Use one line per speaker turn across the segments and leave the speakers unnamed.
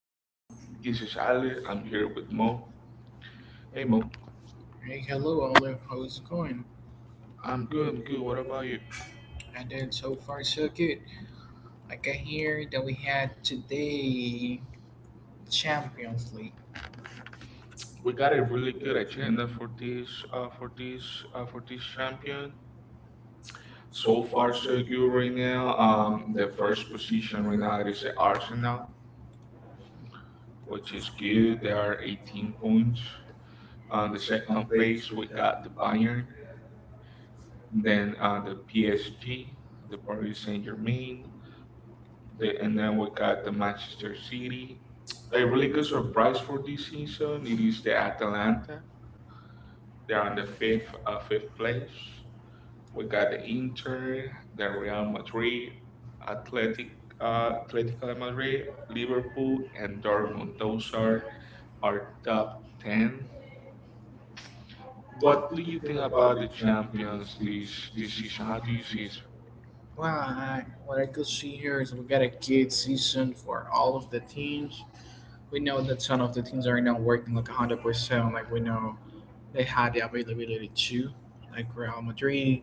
Um,
this
this
is
is Ali. I'm
Andrea
here
with
with
Mo.
Mo. Hey,
Hey, Mo.
Mo.
Hey, hello, Olive. How is it going? I'm
I'm good.
good.
I'm good.
Good.
What
What
about you?
and then so far, so good. I can hear that we had today Champions League. We
We
got
got a
a
really
really good
good agenda
agenda
for this, for this champion. So
so
far,
far,
so
so
good
good
right
right
now.
now. Um,
The
the first
first position
position
right
we
now
got
is the
Arsenal,
Arsenal, which
which
is
is good.
good.
They
They are
are 18
18
points.
points. On
The
the second
second place
place,
we
we got the
got Bayern.
Bayern,
Then
then
on
the
the PSG,
PSG,
the
the
Paris
Paris Saint
Saint Germain,
Germain, The,
they and
and
now
then we
we got
got
the
the
Manchester
Manchester
City.
City.
They
A really
really
good
good surprise
surprise for
for
this
DC. So
season
they
it is
used
the
the Atalanta.
Atalanta. They're
They're
on
on
the
the fifth,
fifth
fifth place.
place. We
We
got
got
the
the East
Inter,
area.
the
We
Real
got
Madrid, Athletic
uh,
Atletico de Madrid, Liverpool,
Liverpool,
and
and
Dortmund.
Dortmund.
Those
Those are
are our
our
top
top ten.
ten. What
What
do
do
you
you
think
think
about
about
the
the
champions
Champions League?
this season? How do you see it?
Well, what I could see here is we got a good season for all of the teams. We know that some of the teams are not working like 100%. Like, we know they had the availability too, like Real Madrid.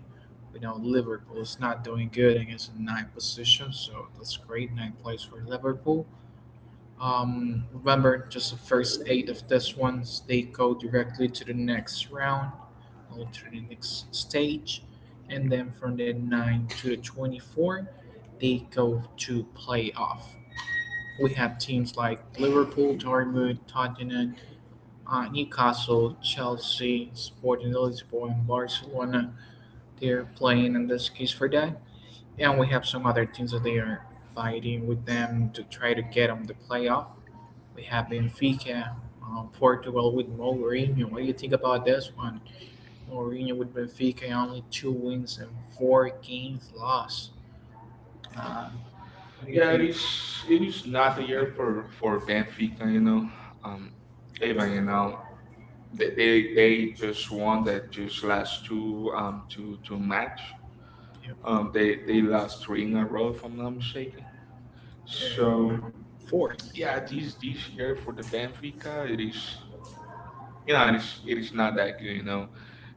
We know Liverpool is not doing good against a ninth position, so that's great. Ninth place for Liverpool. Remember, just the first eight of this ones, they go directly to the next round or to the next stage. And then from the 9 to the 24, they go to playoff. We have teams like Liverpool, Dortmund, Tottenham, Newcastle, Chelsea, Sporting Lisbon, and Barcelona. They're playing in this case for that. And we have some other teams that they are fighting with them to try to get them the playoff. We have Benfica, Portugal with Mourinho. What do you think about this one? Mourinho with Benfica, only two wins and four games lost. Uh, what do you Yeah,
Yeah, it
think?
is.
it's,
It is
it's...
not the year for
Anyway,
Benfica.
no.
Um, Even
Anyway,
you know
no. They they, they
they just
just
won that
wanted to
just last two um
to,
two
to
two match.
match. Yep.
Um,
Um, they
they
they
they lost
lost
three
three
in
in
a
a
row
row, if
if I'm
I'm
not
not mistaken.
mistaken.
So
So
four.
yeah,
Yeah,
this
this
this
each
year
year for
for the
the
Benfica,
Benfica,
it
it
is
is
it is
it's
not
not
that
that
good.
good.
Know,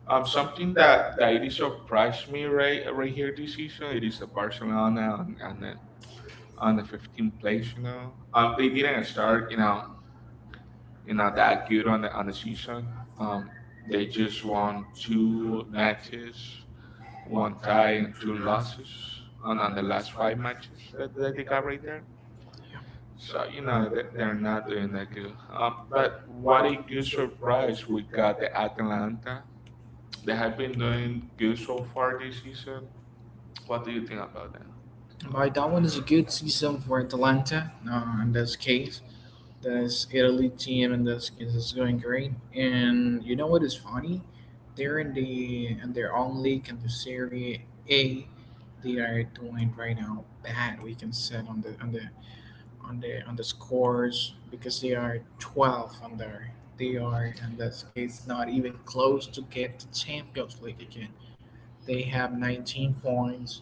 um,
I think
Something
that
that
that
that
it
it is
is
surprised me right here this season. It is the Barcelona
on
on the
the
15th
15th place.
place.
You know, they
They
didn't
didn't start,
start
You know you know that
that good
good on
on on
the
the season.
season.
Um,
Um, they
they just
just
won
won
two
two matches,
matches, one
one tie
and
and two
two
losses
on
on the
another.
last five matches that they got right there. So you
Yeah.
know they're not
Atlanta,
doing that good. But what
what
a
if
good surprise
you
we
got
got
the
the
Atlanta?
Atlanta. They
They
have
had
been doing
been
good so
good.
far this season. What
What
do
do
you
you
think
think
about
about
that?
it? But that one is a good season for Atalanta in this case. This Italy team in this case is going great. And you know what is funny? They're in the in their own league in the Serie A. They are doing right now bad. We can set on the on the on the scores because they are 12 on there. They are in this case not even close to get to Champions League again. They have 19 points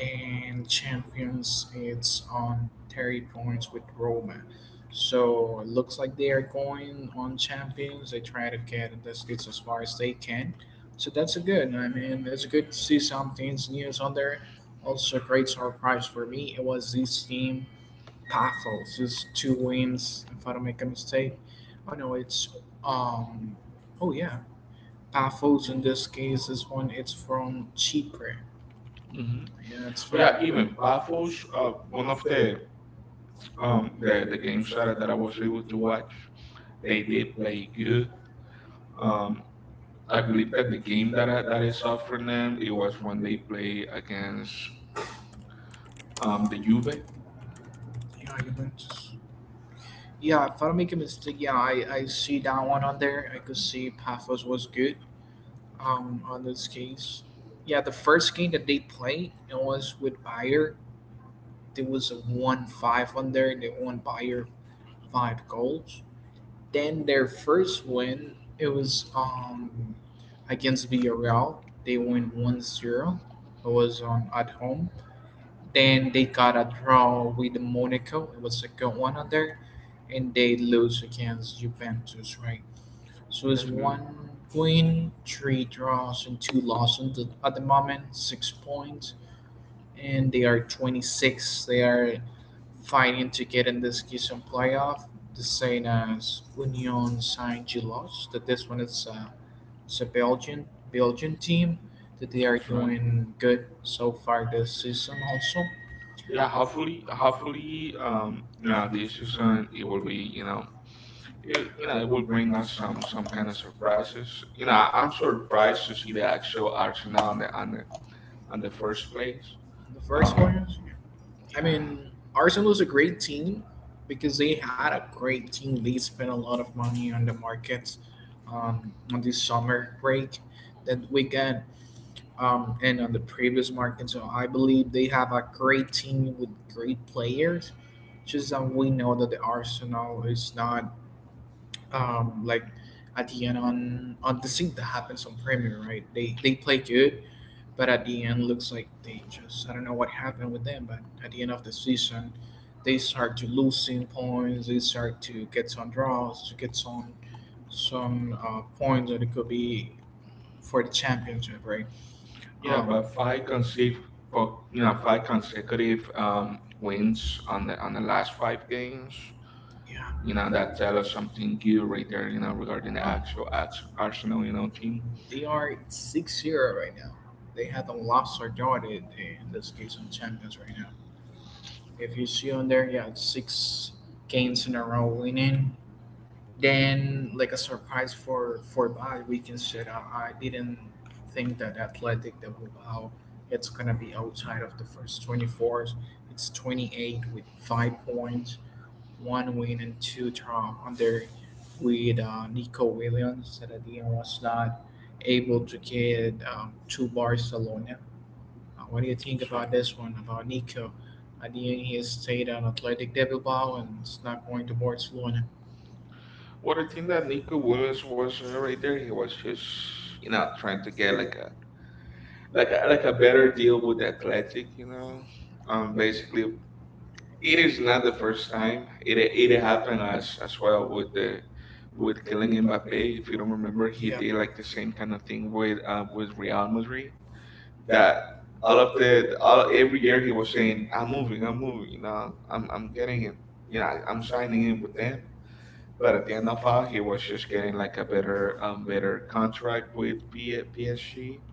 and Champions it's on 30 points with Roma. So it looks like they are going on Champions. They try to get in this case as far as they can. So that's a good. I mean, it's good to see some things news on there. Also, a great surprise for me. It was this team Paphos is two wins, if I don't make a mistake. Oh no, it's um oh yeah. Paphos in this case is one it's from Chipre.
Hmm.
Yeah, it's from
Yeah,
yeah, even
even Paphos,
Battle's one
one
of
of the
the the
the game
games I
started that I
was
was
able
able
to
to
watch.
watch,
They
they did
did.
play good. Um,
I
I believe
believe
that the
that the game
game
that
that I saw
I
from them
had,
it
it was
was
when
when they
they
play against
the
the
Juve.
Juve.
Yeah, Juventus. Yeah, if I don't make a mistake, yeah, I see that one on there. I could see Paphos was good on this case. Yeah, the first game that they played it was with Bayer. There was a 1-5 on there. And they won Bayer five goals. Then their first win it was against Villarreal. They won 1-0. It was on at home. Then they got a draw with Monaco. It was a good one on there, and they lose against Juventus, right? So it's
That's good.
one win, three draws, and two losses at the moment. 6 points, and they are 26. They are fighting to get in this season playoff. The same as Union Saint-Gilloise. That this one is it's a Belgian team that they are
That's right.
doing good so far this season. Also,
Yeah, hopefully, this season it will be, you know,
yeah,
it,
it
it
will
will
bring
bring us
us
some
some kind
kind
of
of surprises.
surprises. You
You
know,
know,
I- I'm
I'm
surprised
surprised
to
to
see
see the
the
actual
actual Arsenal
Arsenal
on
on the on
on
the
on
on
the
the
first
first
place.
place.
The first
Um,
one, is- I
yeah.
mean, Arsenal is a great team because they had a great team. They spent a lot of money on the markets on this summer break that we got and on the previous market. So I believe they have a great team with great players. Just that we know that the Arsenal is not like at the end on the thing that happens on Premier, right? They play good, but at the end looks like they just I don't know what happened with them, but at the end of the season, they start to losing points. They start to get some draws, to get some points that it could be for the championship, right? Yeah,
Yeah,
But
but five
five
consecutive,
consecutive,
for
you
you know,
know,
five
five consecutive
consecutive wins
wins,
on the last five games.
yeah, you
You know
know,
that tell us something
something
good
you really.
right there. You know regarding the actual Arsenal, you know, team.
They are 6-0 right now. They haven't lost or drawn in this case on champions right now. If you see on there, yeah, it's six games in a row winning. Then, like a surprise for Bilbao, we can say that I didn't think that Athletic de Bilbao it's gonna be outside of the first 20 fours. It's 28 with 5 points one win and two draw under with Nico Williams. Saladin was not able to get to Barcelona. What do you think
That's
about
right.
this one, about Nico? At the end, he stayed on Athletic de Bilbao and is not going to Barcelona.
What I think
I
that
think it
Nico
was
Williams was doing right there, he was just you know trying to get
like
like a
a
better
better deal
deal with
with
the
them.
Athletic. Basically it
It's
is
not
not
the
the first
time.
time.
It,
It
it happened
happened as
last
well
well.
with the with Kylian
Mbappe,
Mbappe. If
if
you don't
you
remember, he did like the same kind of thing with Real
remember,
Madrid. That
that all
all of
of the all
every
every
year
year
he
he
was
was
saying,
saying, "Ah, I'm
"I'm
moving,
moving, I'm
I'm
moving.
moving,
You know, I'm
I'm
getting
getting it.
it. You know,
Yeah,
I'm
I'm signing
signing in
in
with
with them.
them." But at
But
the end of all, he was just getting like a
under
better better contract
contract
with
with EPS
PSG,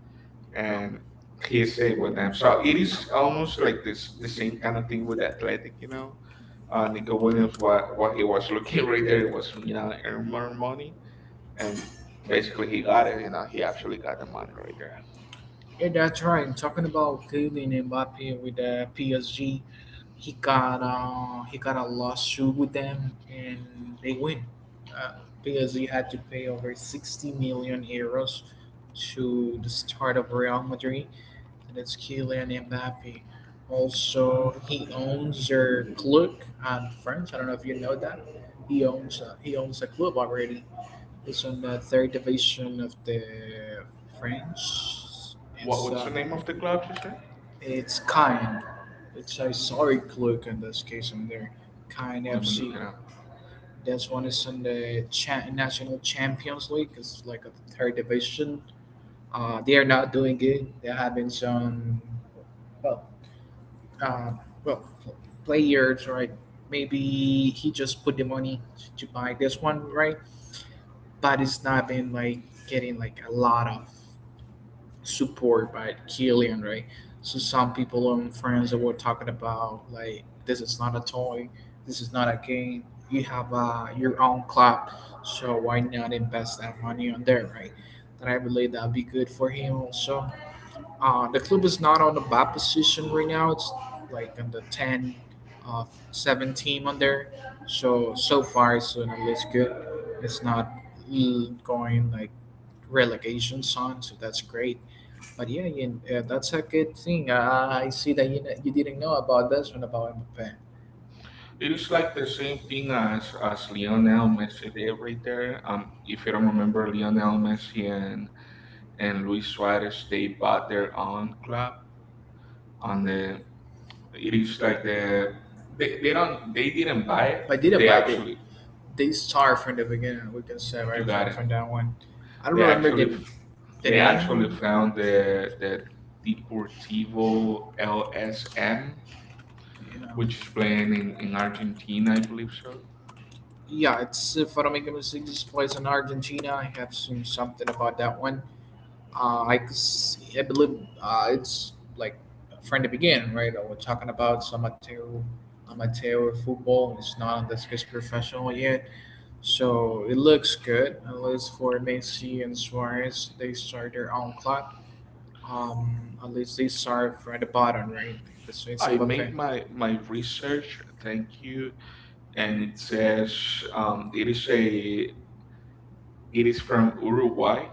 and he
PSA
stayed with
with them.
them. So
So it
it is
is almost
almost like
like
this
this the
the same
same kind
kind of
of
thing
thing with
with
that.
Athletic, you know
I mean, the
Nico Williams,
Williams,
what
what
he
it
was
was, okay,
looking
right
right there,
there,
it
it
was
was
you know earn
anymore.
more money, and basically
And he
he got
got
it. You
it.
know, he actually got the money right there.
Yeah, that's right. Talking about Kylian Mbappe with PSG, he got a lawsuit with them and they win uh, because he had to pay over 60 million euros to the start of Real Madrid and it's Kylian Mbappe also he owns their club in France. I don't know if you know that he owns a club already. It's on the third division of the France. It's
What's the name of the club? You said?
it's kind. It's a sorry clerk in this case, I'm there. Kind
Let me look
FC.
it up.
That's one is in the cha- National Champions League. It's like a third division. They are not doing good. They're having some, well, uh, well, players, right? Maybe he just put the money to buy this one, right? But it's not been like getting like a lot of support by Killian, right? So some people and friends that were talking about like this is not a toy, this is not a game. You have your own club, so why not invest that money on there, right? That I believe that'd be good for him also. The club is not on the bad position right now. It's like on the ten of seven team on there. So so far it's doing at least good. It's not going like relegation on, so that's great. But yeah, Ian, that's a good thing. I see that you, kn- you didn't know about this one about Mbappe.
It
It's
is
like
like
the
the
same
same
thing
thing as
as
Lionel
Lionel
Messi
Messi did.
did right there.
If
If
you
you don't remember,
remember Lionel
Lionel
Messi
Messi and
and
Luis
Luis
Suarez they bought their own
on
club
on
on the.
the it
It is
is like
like
the they don't they
they didn't
didn't buy
buy
it.
it.
But didn't They
They
buy it.
actually
Actually They start from the beginning. We can say right
you got it.
from that one. I don't
They
they remember the
actually
actually the they
They
name.
actually
Actually
found
found
the
the
Deportivo
Evo LSN.
LSM,
Yeah,
which
which
is
were
playing in
in Argentina,
Argentina, I
I
believe
believe so.
so.
Yeah, it's if I don't make in Argentina. I have seen something about that one. Could s- I believe it's like from the beginning, right? We're talking about some amateur, amateur football. It's not on this good professional yet, so it looks good. At least for Messi and Suarez, they start their own club. At least they start from the bottom, right? So it's I
I
Mbappe.
made
Made my, my
my
wish
research, thank you, and
and
it
it
says
says
it is a
it
it is
is
from
from Uruguay.
Uruguay.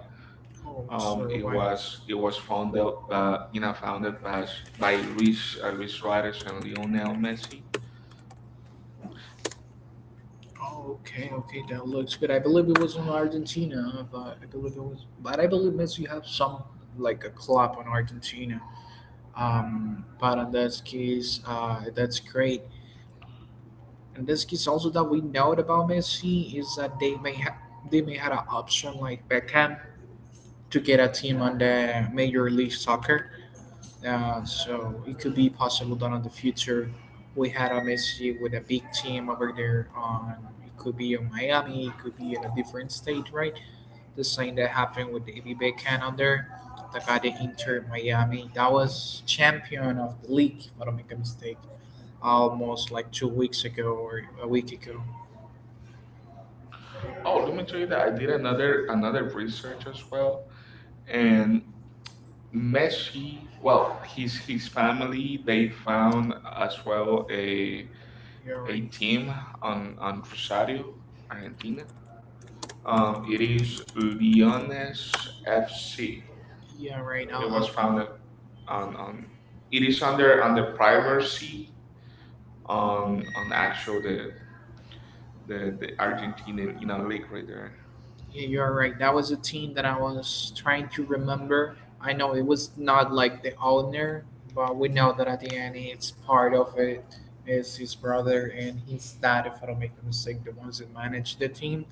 Oh, sorry,
It
it why
was
was
founded
founded
by you know founded
founded by,
by
by
Luis Luis
Luis Suarez
Suarez and
and Lionel
Lionel
Messi.
Messi.
Oh, okay, okay, that looks good. I believe it was in Argentina, but I believe Messi have some like a club in Argentina. But in this case, that's great. In this case, also that we know about Messi is that they may had an option like Beckham to get a team on the Major League Soccer. So it could be possible that in the future we had a Messi with a big team over there on. It could be in Miami. It could be in a different state, right? The same that happened with David Beckham on there. That got the Inter Miami. That was champion of the league, if I don't make a mistake, almost like 2 weeks ago or a week ago.
Oh, let
Oh,
me
me
tell you
too.
that
Yeah,
I did
another
another
another
research as well, and
and mesh,
Messi, well,
well, his
his
his family
family they
they found,
found as well
well,
a
a team
team
on
on
on
Rosario,
Rosario.
Argentina. It
It
is
is Leones
Leones FC.
FC. Yeah, right
It
now. It
was
was founded.
founded on
Um,
on. It
it
is
is
under
under
on the
under
primacy
privacy on on
on actual
actually the, the
the
the Argentine
Argentinian you know
League.
lake right there.
Yeah, you're right. That was a team that I was trying to remember. I know it was not like the owner, but we know that at the end, it's part of it is his brother and his dad, if I don't make the mistake, the ones that managed the team.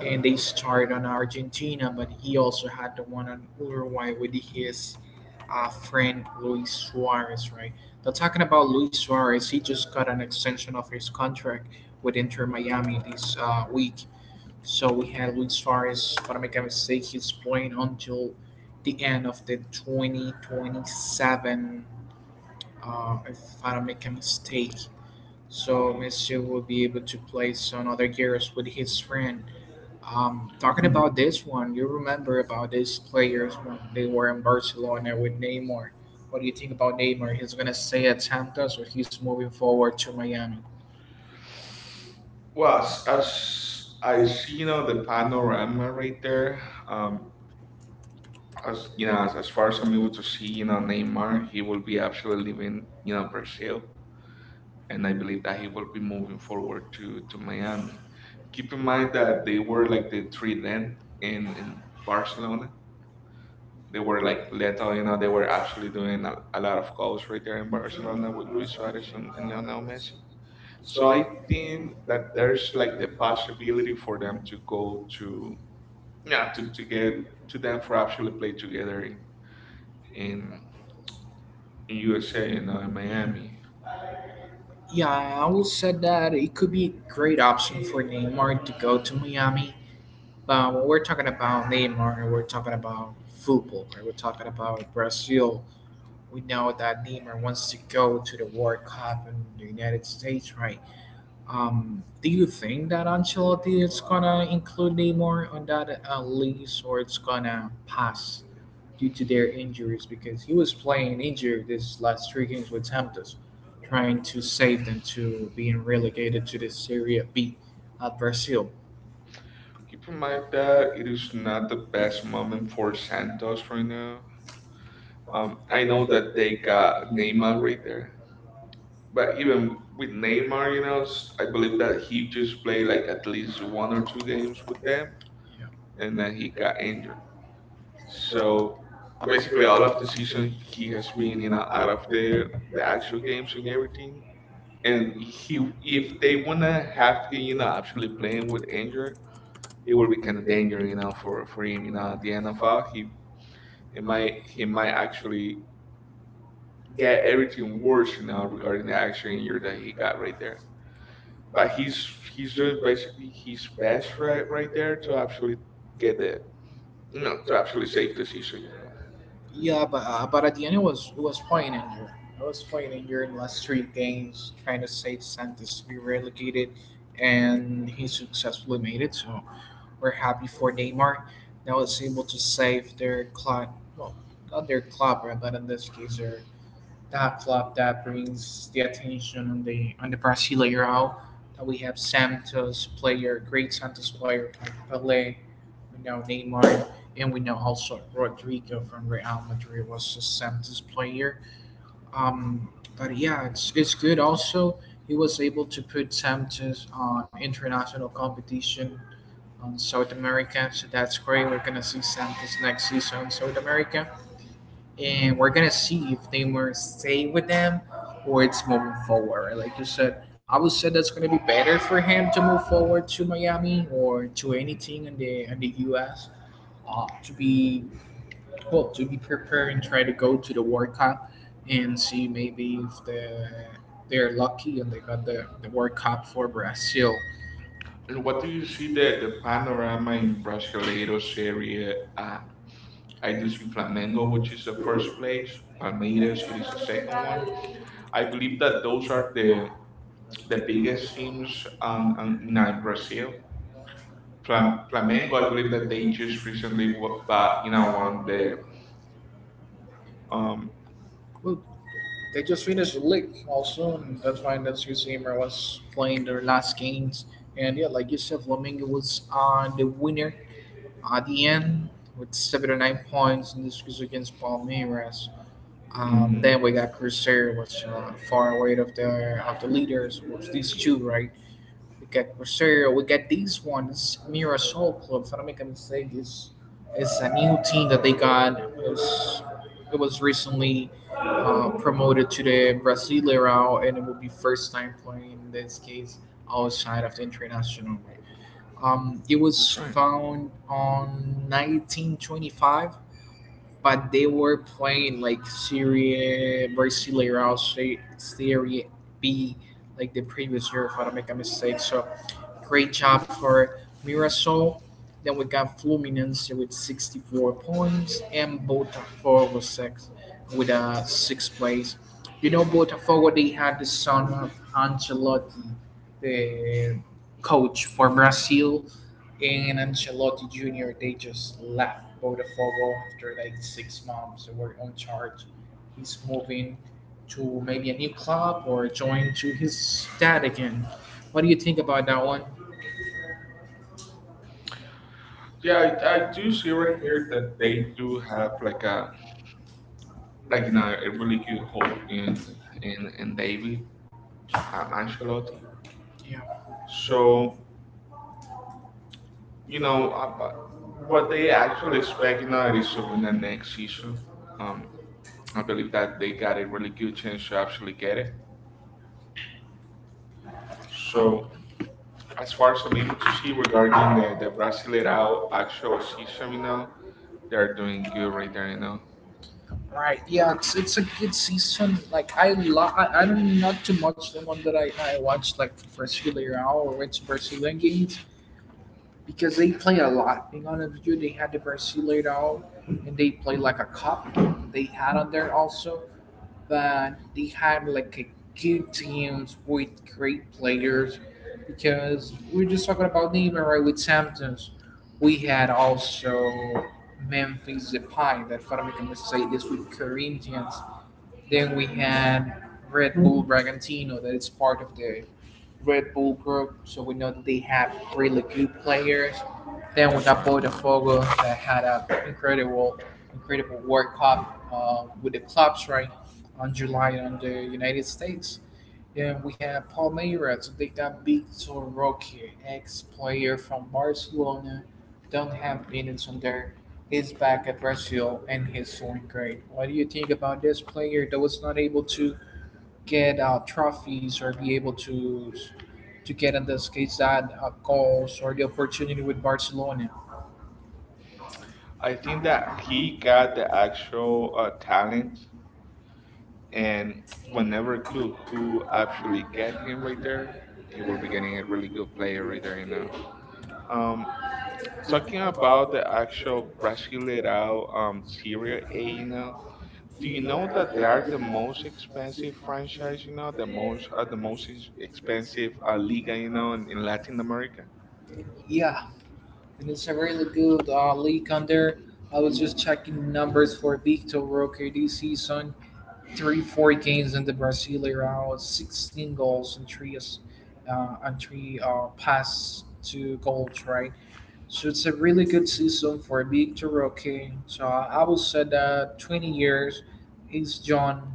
And they started on Argentina, but he also had the one on Uruguay with his friend Luis Suarez, right? Now talking about Luis Suarez, he just got an extension of his contract with Inter Miami this week, so we had Luis Suarez, if I don't make a mistake, he's playing until the end of the 2027, if I don't make a mistake. So Messi will be able to play some other years with his friend. Talking about this one, you remember about these players when they were in Barcelona with Neymar. What do you think about Neymar? He's gonna stay at Santos or he's moving forward to Miami? Well,
Well,
as,
as
as
I
I
see you
see
know
now
the
that I'm
panorama
already
right there.
there,
Um, as
as
you
you know,
know,
as,
as
as
far
far
as
as
I'm
I'm
able
able
to
to
see,
see,
you know, Neymar,
Neymar,
he
he will
will be
be actually
absolutely
in
leaving, you know,
Brazil,
Brazil,
and
and
I
I believe
believe
that
that
he
he
will
will
be
be
moving
moving
forward
forward to
to
to Miami.
Miami. Keep in mind
That
that they
they
were
were
like
like
the
the
three then in
Arsenal,
Barcelona. They
they
were
were
like
like,
Leto, you know,
they
they were
were
actually
actually
doing
doing a
a lot of
lot
goals
of,
right there in
you
Barcelona with
know,
Luis Suarez and Lionel Messi. So
so
I
I
think
think
that
that's
there's like
like
the
the
possibility
possibility for
for them
them to
to go
go to,
to yeah
yeah, to,
to
to
get
get
to
to
them
them
for
for
actually
actually
play together
in
in in
USA
USA and
and
in
Miami.
Miami.
Yeah, I will say that it could be a great option for Neymar to go to Miami. But when we're talking about Neymar, we're talking about football, right? We're talking about Brazil. We know that Neymar wants to go to the World Cup in the United States, right? Do you think that Ancelotti is gonna include Neymar on that list, or it's gonna pass due to their injuries? Because he was playing injured this last three games with Santos, trying to save them to being relegated to the Serie B at Brazil.
Keep in mind that it is not the best
Best
moment
moment for
for
that
Santos
was
right
from.
now.
Uh, I
I know
know that
that they
they
got
got
Neymar
Neymar
right
with them,
there, but
but
even
even
with
with
Neymar, you
Neymar,
know, I
I
believe
believe
that
that
he
he
just
just
played
played like
like at least one or
one or
two
two
games
days
with
with them,
them,
yeah,
and
and
then
then
he
he
got
got injured.
injured. So
So basically,
basically, all
all
of
of
the
the
season
season
he
he has
has been,
been
you
in
know, out
out
of
of there,
the actual
actually games.
games and
and
everything. And
And
he,
he,
if
if
they
they
wanna
wanna
have
have the,
him, you
you
know,
know,
actually
playing
playing with
with
injury, it
it,
will
will
be kind
become
of dangerous,
dangerous,
you know,
for
for him. You know, at the NFL, he
him.
it might he might actually get
Get
everything
everything worse,
worse, you
you
know,
know.
regarding the actual injury that he got right there. But
He's
he's doing
doing basically.
basically his
That's
best
right.
right there to actually
Actually,
get
did
the
that.
you know to actually
Actually,
save
safe
the season,
decision.
you know.
Yeah, but at the end, it was playing in here. It was playing in here in last three games, trying to save Santos to be relegated, and he successfully made it. So we're happy for Neymar. Now it's able to save their club. Well, not their club, but in this case, their that club that brings the attention on the Brasileirão. That we have Santos player, great Santos player like Pelé, we know Neymar, and we know also Rodrigo from Real Madrid was a Santos player. But yeah, it's good. Also, he was able to put Santos on international competition on South America, so that's great. We're gonna see Santos next season in South America, and we're gonna see if they were stay with them or it's moving forward. Like you said, I would say that's gonna be better for him to move forward to Miami or to anything in the US. To be, well, to be prepared and try to go to the World Cup and see maybe if they're lucky and they got the World Cup for Brazil.
And
And
what do
what do
you
you
see
see
the
that the
panorama
panorama in
in Brasileiro Serie
Brazil?
A? I
I
do
just
see Flamengo,
know
which
what you
is the
said
first
first
place.
page. I mean,
Palmeiras,
it's
it is the
the
second one.
second
I believe that
that
those
those
are
are the,
the
the
biggest
biggest
teams on you
in in,
know, in
uh, Brazil.
Brazil. Flamengo,
Flamengo,
I
I
believe
believe
that
that
they
they
just
just
recently
recently but
you know
now
won
won the
the
um,
um.
well, they just finished the league also, and that's why Nancy Zimmer was playing their last games. And yeah, like you said, Flamengo was the winner at the end with 79 points, and this was against Palmeiras.
Mhm.
Then we got Cruzeiro, which, far away of the leaders was these two, right? We got Cruzeiro. We got these ones. Mirassol Club, if I don't make a mistake, is a new team that they got. It was recently promoted to the Brasileirão, and it will be first time playing in this case outside of the international. It was
That's right.
found on 1925, but they were playing like Serie Brasileirão, Serie B, like the previous year, if I don't make a mistake. So great job for Mirassol. Then we got Fluminense with 64 points and Botafogo six with a six place. You know, Botafogo, they had the son of Ancelotti, the coach for Brazil, and Ancelotti Jr. They just left Botafogo after like 6 months. They were on charge. He's moving to maybe a new club or join to his dad again. What do you think about that one? Yeah,
Yeah, I
I
do
do
see
see
right
right
here
here
that
that they
they do
do
have like a
have,
like
like,
you
now
know a
they really
really
do
good
the whole
hope
community.
in in
They do
David
have-
Ancelotti.
Yeah.
So
So
you
you know
know what
what they
they
actually
actually expect you
expect
know it
now is
is to win the
humanity.
next season.
Um,
Um. I
I
believe
believe that.
that they got a really good chance to actually get it. So
So as
as far
far as
as I'm
we
able to see
see regarding
regarding
the,
the
the
Brasileirao
Brasileirao actual
actual season, you
season,
know, they're
they're doing
doing good
good
right there, you
right now.
know.
Right. Yeah, it's a good season. Like I don't not too much the one that I watch like Brasileirão or it's Brazilian games because they play a lot. Being honest with you, they had the Brasileirão and they play like a cup they had on there also. But they had like a good teams with great players because we're just talking about Neymar, right, with Santos. We had also Memphis Depay that, if I don't make a mistake, this with Corinthians, then we had Red Bull Bragantino, that is part of the Red Bull group, so we know that they have really good players. Then we
That's
got
right.
Botafogo, that had an incredible, incredible World Cup with the clubs, right, on July on the United States. Then we have Palmeiras. They got beat to Roque, ex-player from Barcelona. Don't have minutes on there. He's back at Brazil and he's doing great. What do you think about this player that was not able to get trophies or be able to get in this case that goals or the opportunity with Barcelona? I
I think
think
that
that
he
he got
got the
the
actual
actual talent,
talent. And
and
whenever
whenever
clue who
you actually
actually
get
get him
him in
right
there,
there, he will be getting a really good player right there, you know. Um, talking about the actual Brasileirao Serie A, you know, do you know that they are the most expensive franchise, you know, the most expensive liga, you know, in Latin America?
yeah, and it's a really good league under. I was just checking numbers for Victor Roque this season. Three, four games in the Brasileirão, 16 goals and three pass to goals, right? So it's a really good season for Victor Roque. So I will say that 20 years, he's John.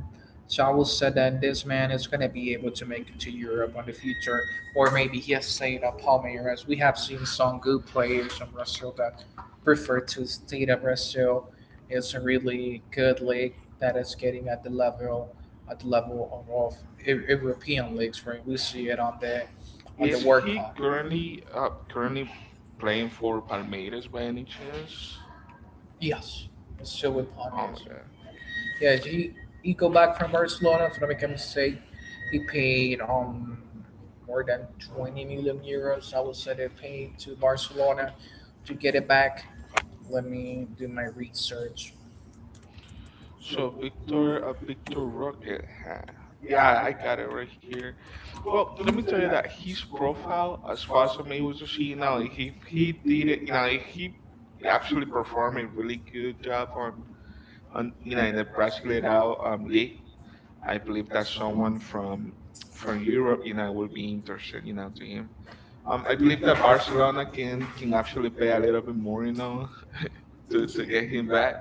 So I will say that this man is going to be able to make it to Europe on the future, or maybe he has stayed at Palmeiras. We have seen some good players from Brazil that prefer to stay at Brazil. It's a really good league that is getting at the level of European leagues, right? We see it on the
Is
World
he
Cup.
currently playing for Palmeiras by any chance?
Yes, he's still with
Oh my.
Pontius. Yeah, he go back from Barcelona. If I make a mistake, he paid more than €20 million. I would say they paid to Barcelona to get it back. Let me do my research.
So Victor, Victor Rocket, huh? Yeah, I got it right here. Well, let me tell you that his profile, as far as I'm able to see, you know, he did it, you know, he actually performed a really good job on you know in the Brasileirao league. I believe that someone from Europe, you know, will be interested, you know, to him. I believe that Barcelona can actually pay a little bit more, you know, to get him back,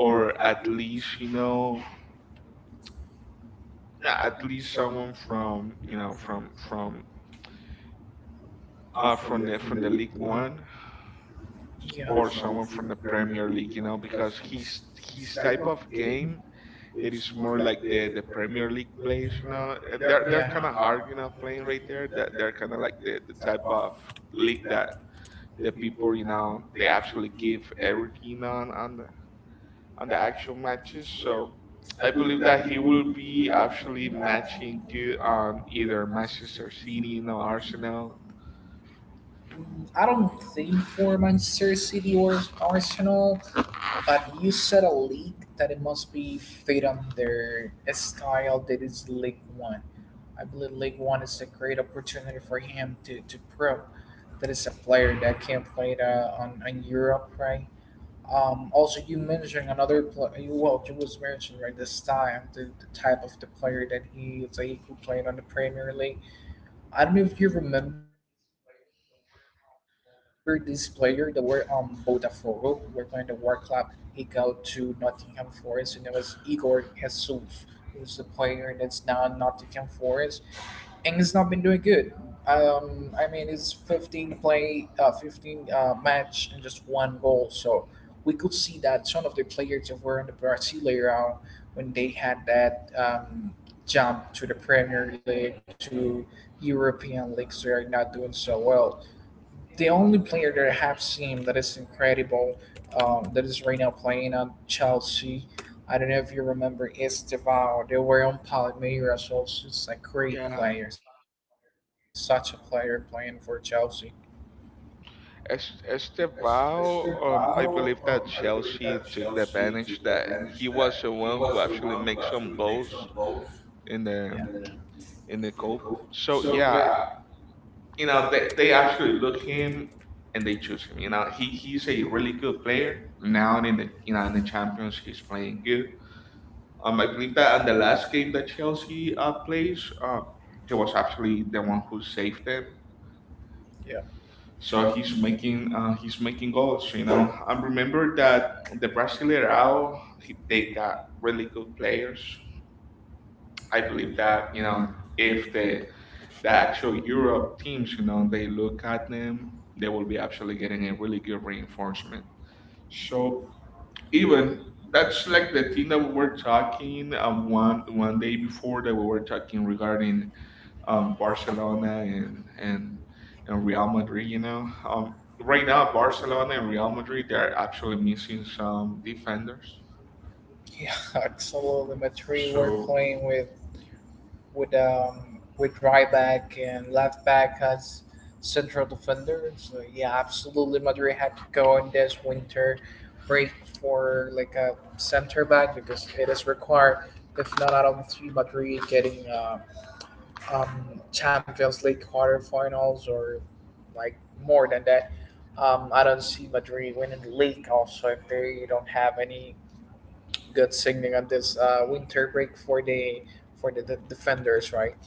or at least you know yeah, at least someone
From,
from
you
you
know,
know from
uh,
the
from
from
the
the
league.
League One
Yeah.
or someone from the Premier League, you know, because his type of game it is more like the Premier League plays, you know. They're kind of
Yeah.
hard, you know, playing right there. That they're kind of like the type of
League,
league that
the
the
people,
people,
you
you know, they absolutely
give,
give everything on on the
I,
actual matches. So I
believe
believe that
that he
he will
will be,
be actually
back
matching good on either
here.
Manchester City, or Arsenal.
I don't think for Manchester City or Arsenal, but you said a league that it must be fit on their style that is League One. I believe League One is a great opportunity for him to, prove that is a player that can play it, on, Europe, right? Also, you mentioned another player. Well, you was mentioning right the style, the type of the player that he is. Like he could play it on the Premier League. I don't know if you remember this player that were on Botafogo, were playing the World Club. He got to Nottingham Forest, and it was Igor Jesus, who's the player that's now in Nottingham Forest, and has not been doing good. I mean, it's 15 play, 15, match, and just one goal. So we could see that some of the players that were in the Brazilian round when they had that, jump to the Premier League to European leagues, they are not doing so well. The only player that I have seen that is incredible, that is right now playing at Chelsea. I don't know if you remember is Estevao. They were on Palmeiras also. It's a great
Yeah.
player, such a player playing for Chelsea.
As Estevao,
Wow,
I believe that Chelsea
Chelsea,
took
to
the advantage that
that
he
he
was the
was
one who actually makes
the
some goals
most.
in
Yeah, the
the
in the
cup.
goal.
So
So
yeah,
yeah,
you know
they,
they actually
actually
look
looked
him
him
and
and
they
they
choose
just,
him. You know he's
he's
a
a
really
really
good
good
player
player
now. And
now
In
in
the
the
you
you
know
know
in the
in the
Champions,
Champions League
he's
he's
playing
playing
good.
good.
I believe that on
Yeah, and
the
the
last
last
game
thing
that
that
Chelsea
Chelsea,
plays, he was actually
playing
the
them
one
off.
who saved them.
Yeah.
So
So if
he's
he's
making uh, he's making
making
goals.
goals.
You know, I
I
remember
remember
that
that
the Brasileirao
Barcelona.
they got really good players. I
I
believe
believe
that
that,
you know if
if
the
the
the
the
actual
actual
Europe
Europe teams,
teams, you know, they
they
look at them, they will be actually getting a really good reinforcement. So
so
even
even
that's like the
the
thing
team
that we
that
were
we're talking,
talking one
one
one day
Monday before
before that we were talking regarding
regarding, Barcelona
Barcelona
and
and and
and,
and
and
Real
Real
Madrid.
Madrid,
You know,
um,
right now Barcelona
Barcelona
and Real Madrid they are actually
actually needs,
missing some
um
defenders.
yeah, absolutely. My three were so
So
playing with right back and left back as central defender. So yeah, absolutely. Madrid had to go on this winter break for like a center back because it is required. If not, I don't see Madrid getting, Champions League quarterfinals or like more than that. I don't see Madrid winning the league also if they don't have any good signing at this, winter break for the defenders, right?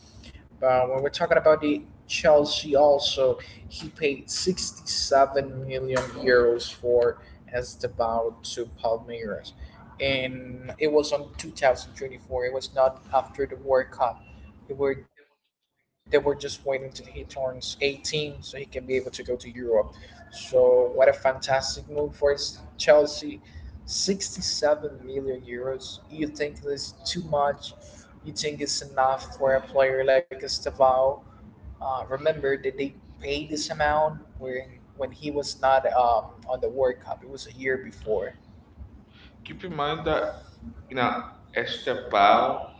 But when we're talking about the Chelsea, also he paid €67 million for Estebao to Palmeiras, and it was on 2024. It was not after the World Cup. They were just waiting till he turns 18 so he can be able to go to Europe. So what a fantastic move for Chelsea. €67 million. You think this is too much? You think it's enough for a player like Estevao? Remember that they paid this amount when he was not, on the World Cup. It was a year before.
keep in mind that
Uh,
you know
Now,
Estevao,
Val,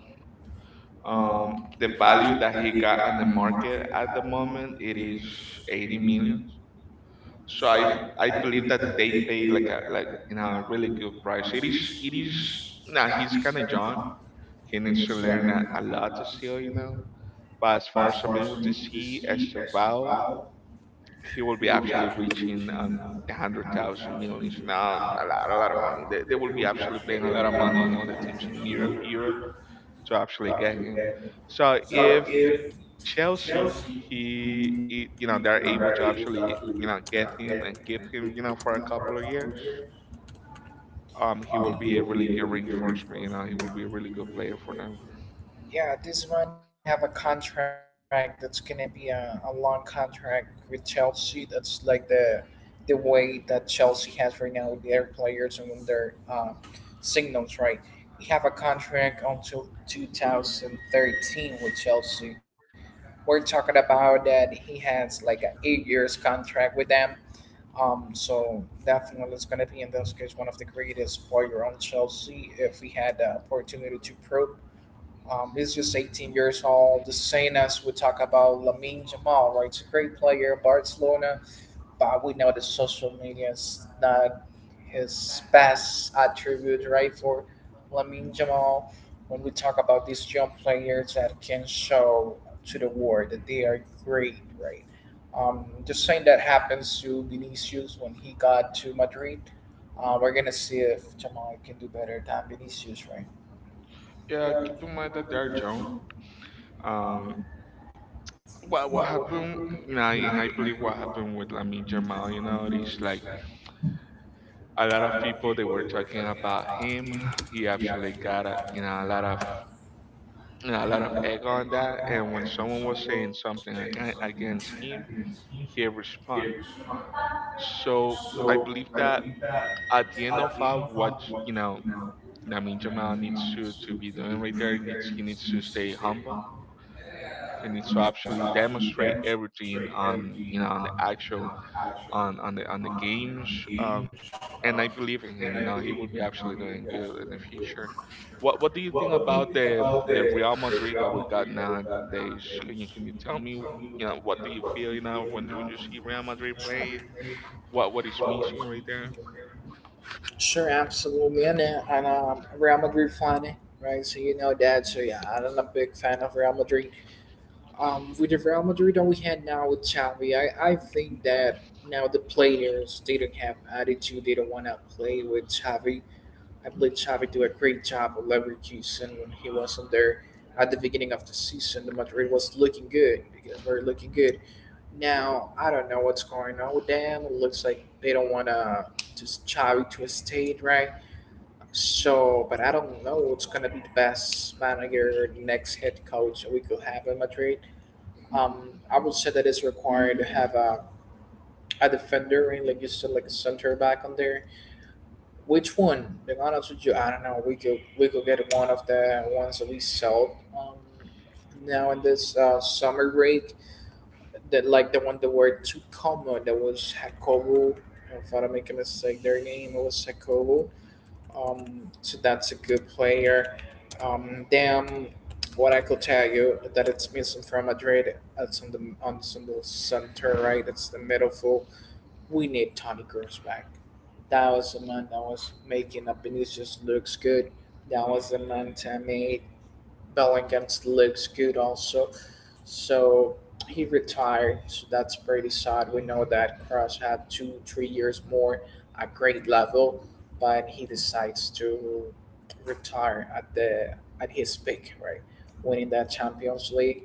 the
the
value
value
that
that
he
he
got on
got
the
in the
market at the moment it
market
is
is
80
paying
million.
me.
So
So
I
I,
I
I
believe
believe
that
that
they
they
pay
pay
like a like
like,
you know a really
really
good
good
price. It
price. It
is
is
it
it
is
is
now
yeah,
he's
he's
kind of
kind of
John.
John
He
in Australia
needs
and
to
it's. Yeah,
learn a
learning a
lot
lot of
still, you
skill.
know. But
But
as
as
far as
far as
I'm
for
able
me
to
to
see,
see
Esteval,
Val,
he will
he
be
will be
actually
actually
reaching
reaching,
the
a now.
100,000 millions. Now,
Uh,
a lot of money.
I
They will be
be
actually
actually
paying a
getting
lot
a
of
lot of
money, you know,
money
the
and
teams in
attention
Europe,
here,
Europe to
to
actually
actually
get him.
get him.
So
So
if
if
Chelsea,
Chelsea,
he,
he,
he, you know, they're able
they're
to
able to
actually, you
actually,
know, get him and
get him
keep
and
him,
keep
you know,
him,
for a
for
couple
a
of
couple
years.
of years,
He will
he
be a
will
really
be a
good
really good
reinforcement. You know, he
reinforcement,
will be a really good player for them.
yeah, this man he have a contract that's gonna be a long contract with Chelsea. That's like the way that Chelsea has right now with their players and their, signals, right? He have a contract until 2013 with Chelsea. We're talking about that he has like an 8 years contract with them. So definitely it's gonna be in this case one of the greatest player on Chelsea if we had the opportunity to prove, he's just 18 years old. The same as we talk about Lamine Jamal, right? It's a great player, Barcelona, but we know that social media is not his best attribute, right? For Lamine Jamal, when we talk about these young players that can show to the world that they are great, right? The same that happens to Vinicius when he got to Madrid. We're gonna see if Jamal can do better than Vinicius, right?
Yeah, keep in mind that they're young. Um,
Um,
Well,
What
what
what
happened,
happened
you know,
na
and I believe what
inaikulikwa
happened
ko
with
with
Lamin Jamal, you
the,
know, is
is
like
like
a lot
a
of
lot of
people they
people
were
they were
talking
talking
about
about
him.
him.
He
He
actually
actually
got a, you
got,
know, a lot
a
of,
lot of,
you know, a lot of
a lot
egg
of
on
echo on
that. And
that
when
and when
someone was
someone
saying
was saying
something
something and I
against
didn't
him,
speak,
he
he
respond.
responded.
So I
So
believe
I
that
believe that
at the end
at
of
the end
all
of
what,
our
you
what,
know, Lamin Jamal needs
Nainjama
to
needs
to
to,
be doing right
be the
there. Needs he
mimicker,
needs
needs
to
he needs
stay
to stay
humble.
humble
He needs to
and needs to
actually
actually
demonstrate
demonstrate
everything
everything
on, you know,
on,
on the
the
actual
actual on,
on the
on, the- on
games.
the games,
Um,
um,
and I believe
and
in
I
him. You
believe
know,
in
he
him,
will be
he
actually
would be
doing
absolutely
good
going
in the
to do
future.
it.
What do you think
What do you
about
think
the
about
the
the
Real Madrid that
Real
we got
Madrid that we've got
nowadays? Can you Can
nowadays?
you
Can you
tell me?
tell me,
You know, what do you
what do
feel?
you
You know,
think
when
now?
when you see Real Madrid playing, what is
What is
missing right
reaching the.
there?
Sure, absolutely. And, Real Madrid fan, eh, right? So you know that. So yeah, I'm a big fan of Real Madrid. With the Real Madrid that we had now with Xavi, I think that now the players they don't have attitude. They don't want to play with Xavi. I believe Xavi do a great job with Leverkusen when he wasn't there at the beginning of the season. The Madrid was looking good because we're looking good. Now I don't know what's going on with them. It looks like they don't want to just Xavi to a state, right? So, but I don't know what's gonna be the best manager, next head coach we could have in Madrid. I would say that it's required to have a defender and like you said, like a center back on there. Which one? Being honest with you, I don't know. We could get one of the ones that we sold, now in this, summer break. That like the one that were too common. That was Hakobo. If I don't make a mistake, their name was Hakobo. So that's a good player. Then what I could tell you that it's missing from Madrid. That's on the center right. That's the middle full. We need Tony Kroos back. That was the man that was making up Vinicius looks good. That was the man that made Bellingham looks good also. So he retired. So that's pretty sad. We know that Cross had two, 3 years more at great level, but he decides to retire at his peak, right? Winning that Champions League.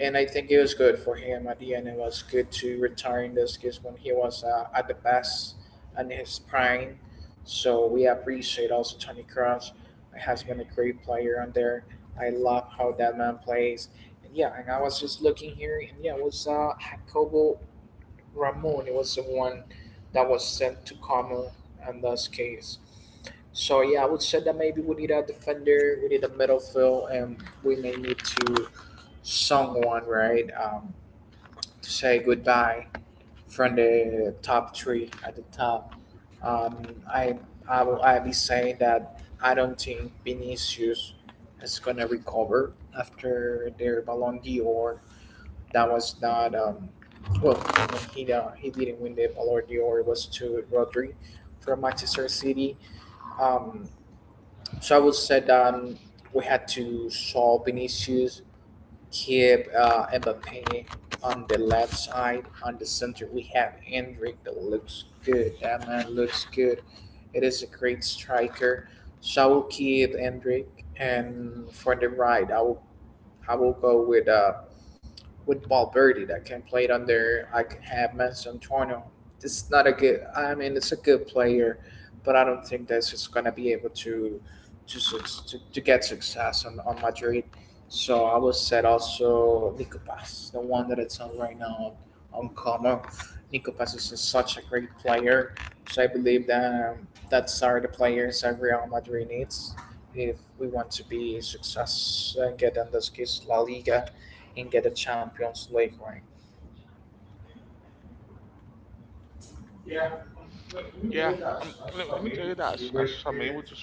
And I think it was good for him at the end. It was good to retire in this because when he was, at the best and his prime. So we appreciate also Tony Cross. Has been a great player on there. I love how that man plays and yeah, and I was just looking here, and yeah, it was, Jacobo Ramon. It was the one that was sent to Kama in this case. So yeah, I would say that maybe we need a defender, we need a midfield, and we may need to someone right, to say goodbye from the top three at the top. Um, I I be saying that I don't think Vinicius is gonna recover after their Ballon d'Or that was not, well, when he, he didn't win the Ballon d'Or it was to Rodri from Manchester City. Um, so I would say that we had to solve Vinicius, keep, Mbappe on the left side, on the center we have Hendrik that looks good. That man looks good. It is a great striker. So I will keep Hendrik, and for the right I will, go with, with Valverde that can play it under. I can have Messi Antonio. It's not a good. I mean, it's a good player, but I don't think that's just gonna be able to get success on Madrid. So I would set also Nico Paz, the one that it's on right now on Como. Nico Paz is such a great player. So I believe that, that's are the players that Real Madrid needs if we want to be success and get in this case La Liga and get a Champions League ring. Yeah.
Yeah,
But
let
you
me tell
did
you
have
that as I'm able to see
great
right
experience.
here,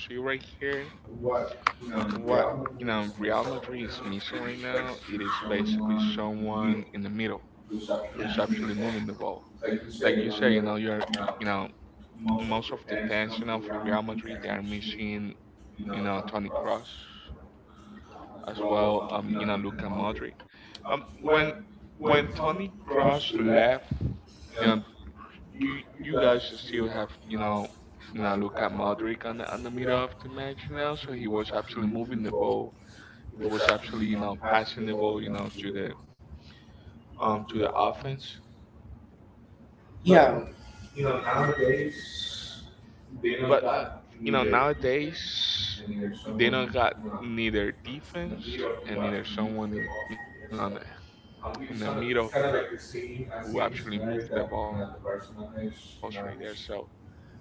what,
What, we all
Real
know
Madrid
is
is missing right now. It is
to
basically
show one
someone
in
in the
the meal.
middle
Do
who is
something.
actually
Yeah.
moving the ball.
Like you
Like you
say,
say, you know,
you're, most
most
of the
of the fans, you know, for Real
ground
Madrid, they
that
are
we've seen,
missing, you know,
come
Toni Kroos
across as
as
well,
well. You know,
in
Luka
Madrid.
Modric.
Um,
Um,
when,
when
when
when
Tony
Toni Kroos
Cross left,
left,
you
you
know,
know, you
You
you
guys
guys
should see
still
how,
have,
you
you
know,
know,
look
Luka
at Madrid.
Modric on the
You
middle
know,
of the match, you know, so
Actually
he
was
was
actually
actually
moving
moving the
the ball.
ball. He
It was
was actually,
actually,
you know,
passing
passing
the
the
ball,
ball, you know,
to
to
the.
the offense. But
Yeah,
you know,
Nowadays,
nowadays they don't got neither
either,
defense and
and either
neither someone
someone.
in you know in the middle who actually moved the balls right there. So it is kind of like the same scenario that you know the Barcelona is you know is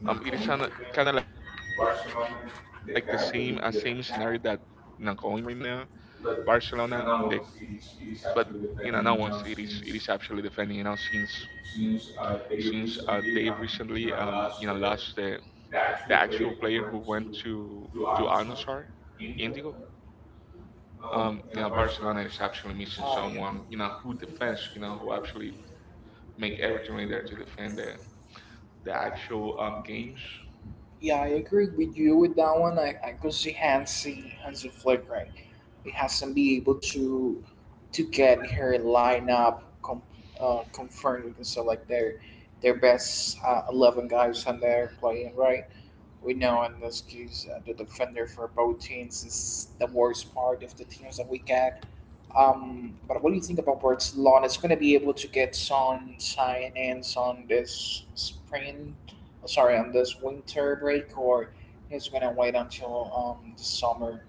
not going right now.
But
Barcelona
they,
they got really good attack, but you know no one's it is actually
I
defending
mean,
you know since since
seems
uh they
to
recently
be.
you know lost the actual player who went to Al Nassr, Indigo. You know, Barcelona is actually missing someone, you know, who defends, you know, who actually make
Oh.
everything in there to defend the actual games.
Yeah, I agree with you with that one. I could see Hansi Flick right. He hasn't been able to get her lineup confirmed. So like their best, 11 guys on there playing right. We know in this case, the defender for both teams is the worst part of the teams that we get. But what do you think about Barcelona? It's going to be able to get some sign-ins on this spring, oh, sorry, on this winter break, or is going to wait until, the summer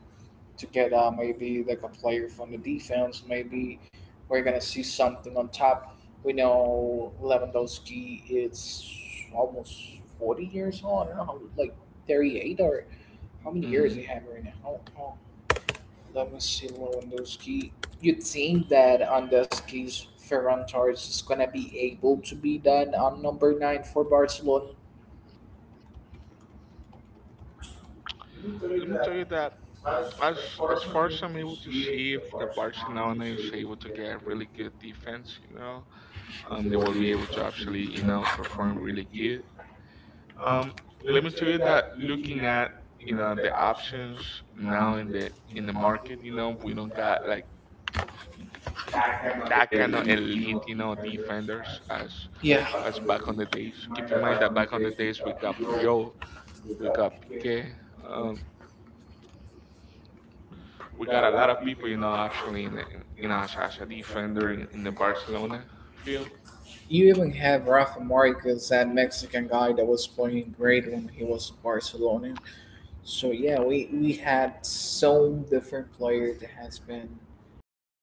to get, maybe like a player from the defense. Maybe we're going to see something on top. We know Lewandowski is almost 40 years old. I don't know, how like 38 or how many years he
Hmm.
had right now. Let me see Lewandowski. You'd think that Andoski's Ferran Torres is gonna be able to be done on number nine for Barcelona.
Let me tell you that as as far as I'm able to see if the Barcelona is able to get really good defense, you know, they will be able to actually, you know, perform really good. Um, Let me tell you that looking at you know the options now in the market, you know, we don't got like that kind of elite, you know, defenders as
Yeah,
as back on the days. Keep in mind that back on the days we got Puyol, we got Piqué, um, we got a lot of people, you know, actually in the, as a defender in the Barcelona field.
you even have Rafa Marquez, that Mexican guy that was playing great when he was Barcelona. So yeah, we had so different players that has been, uh,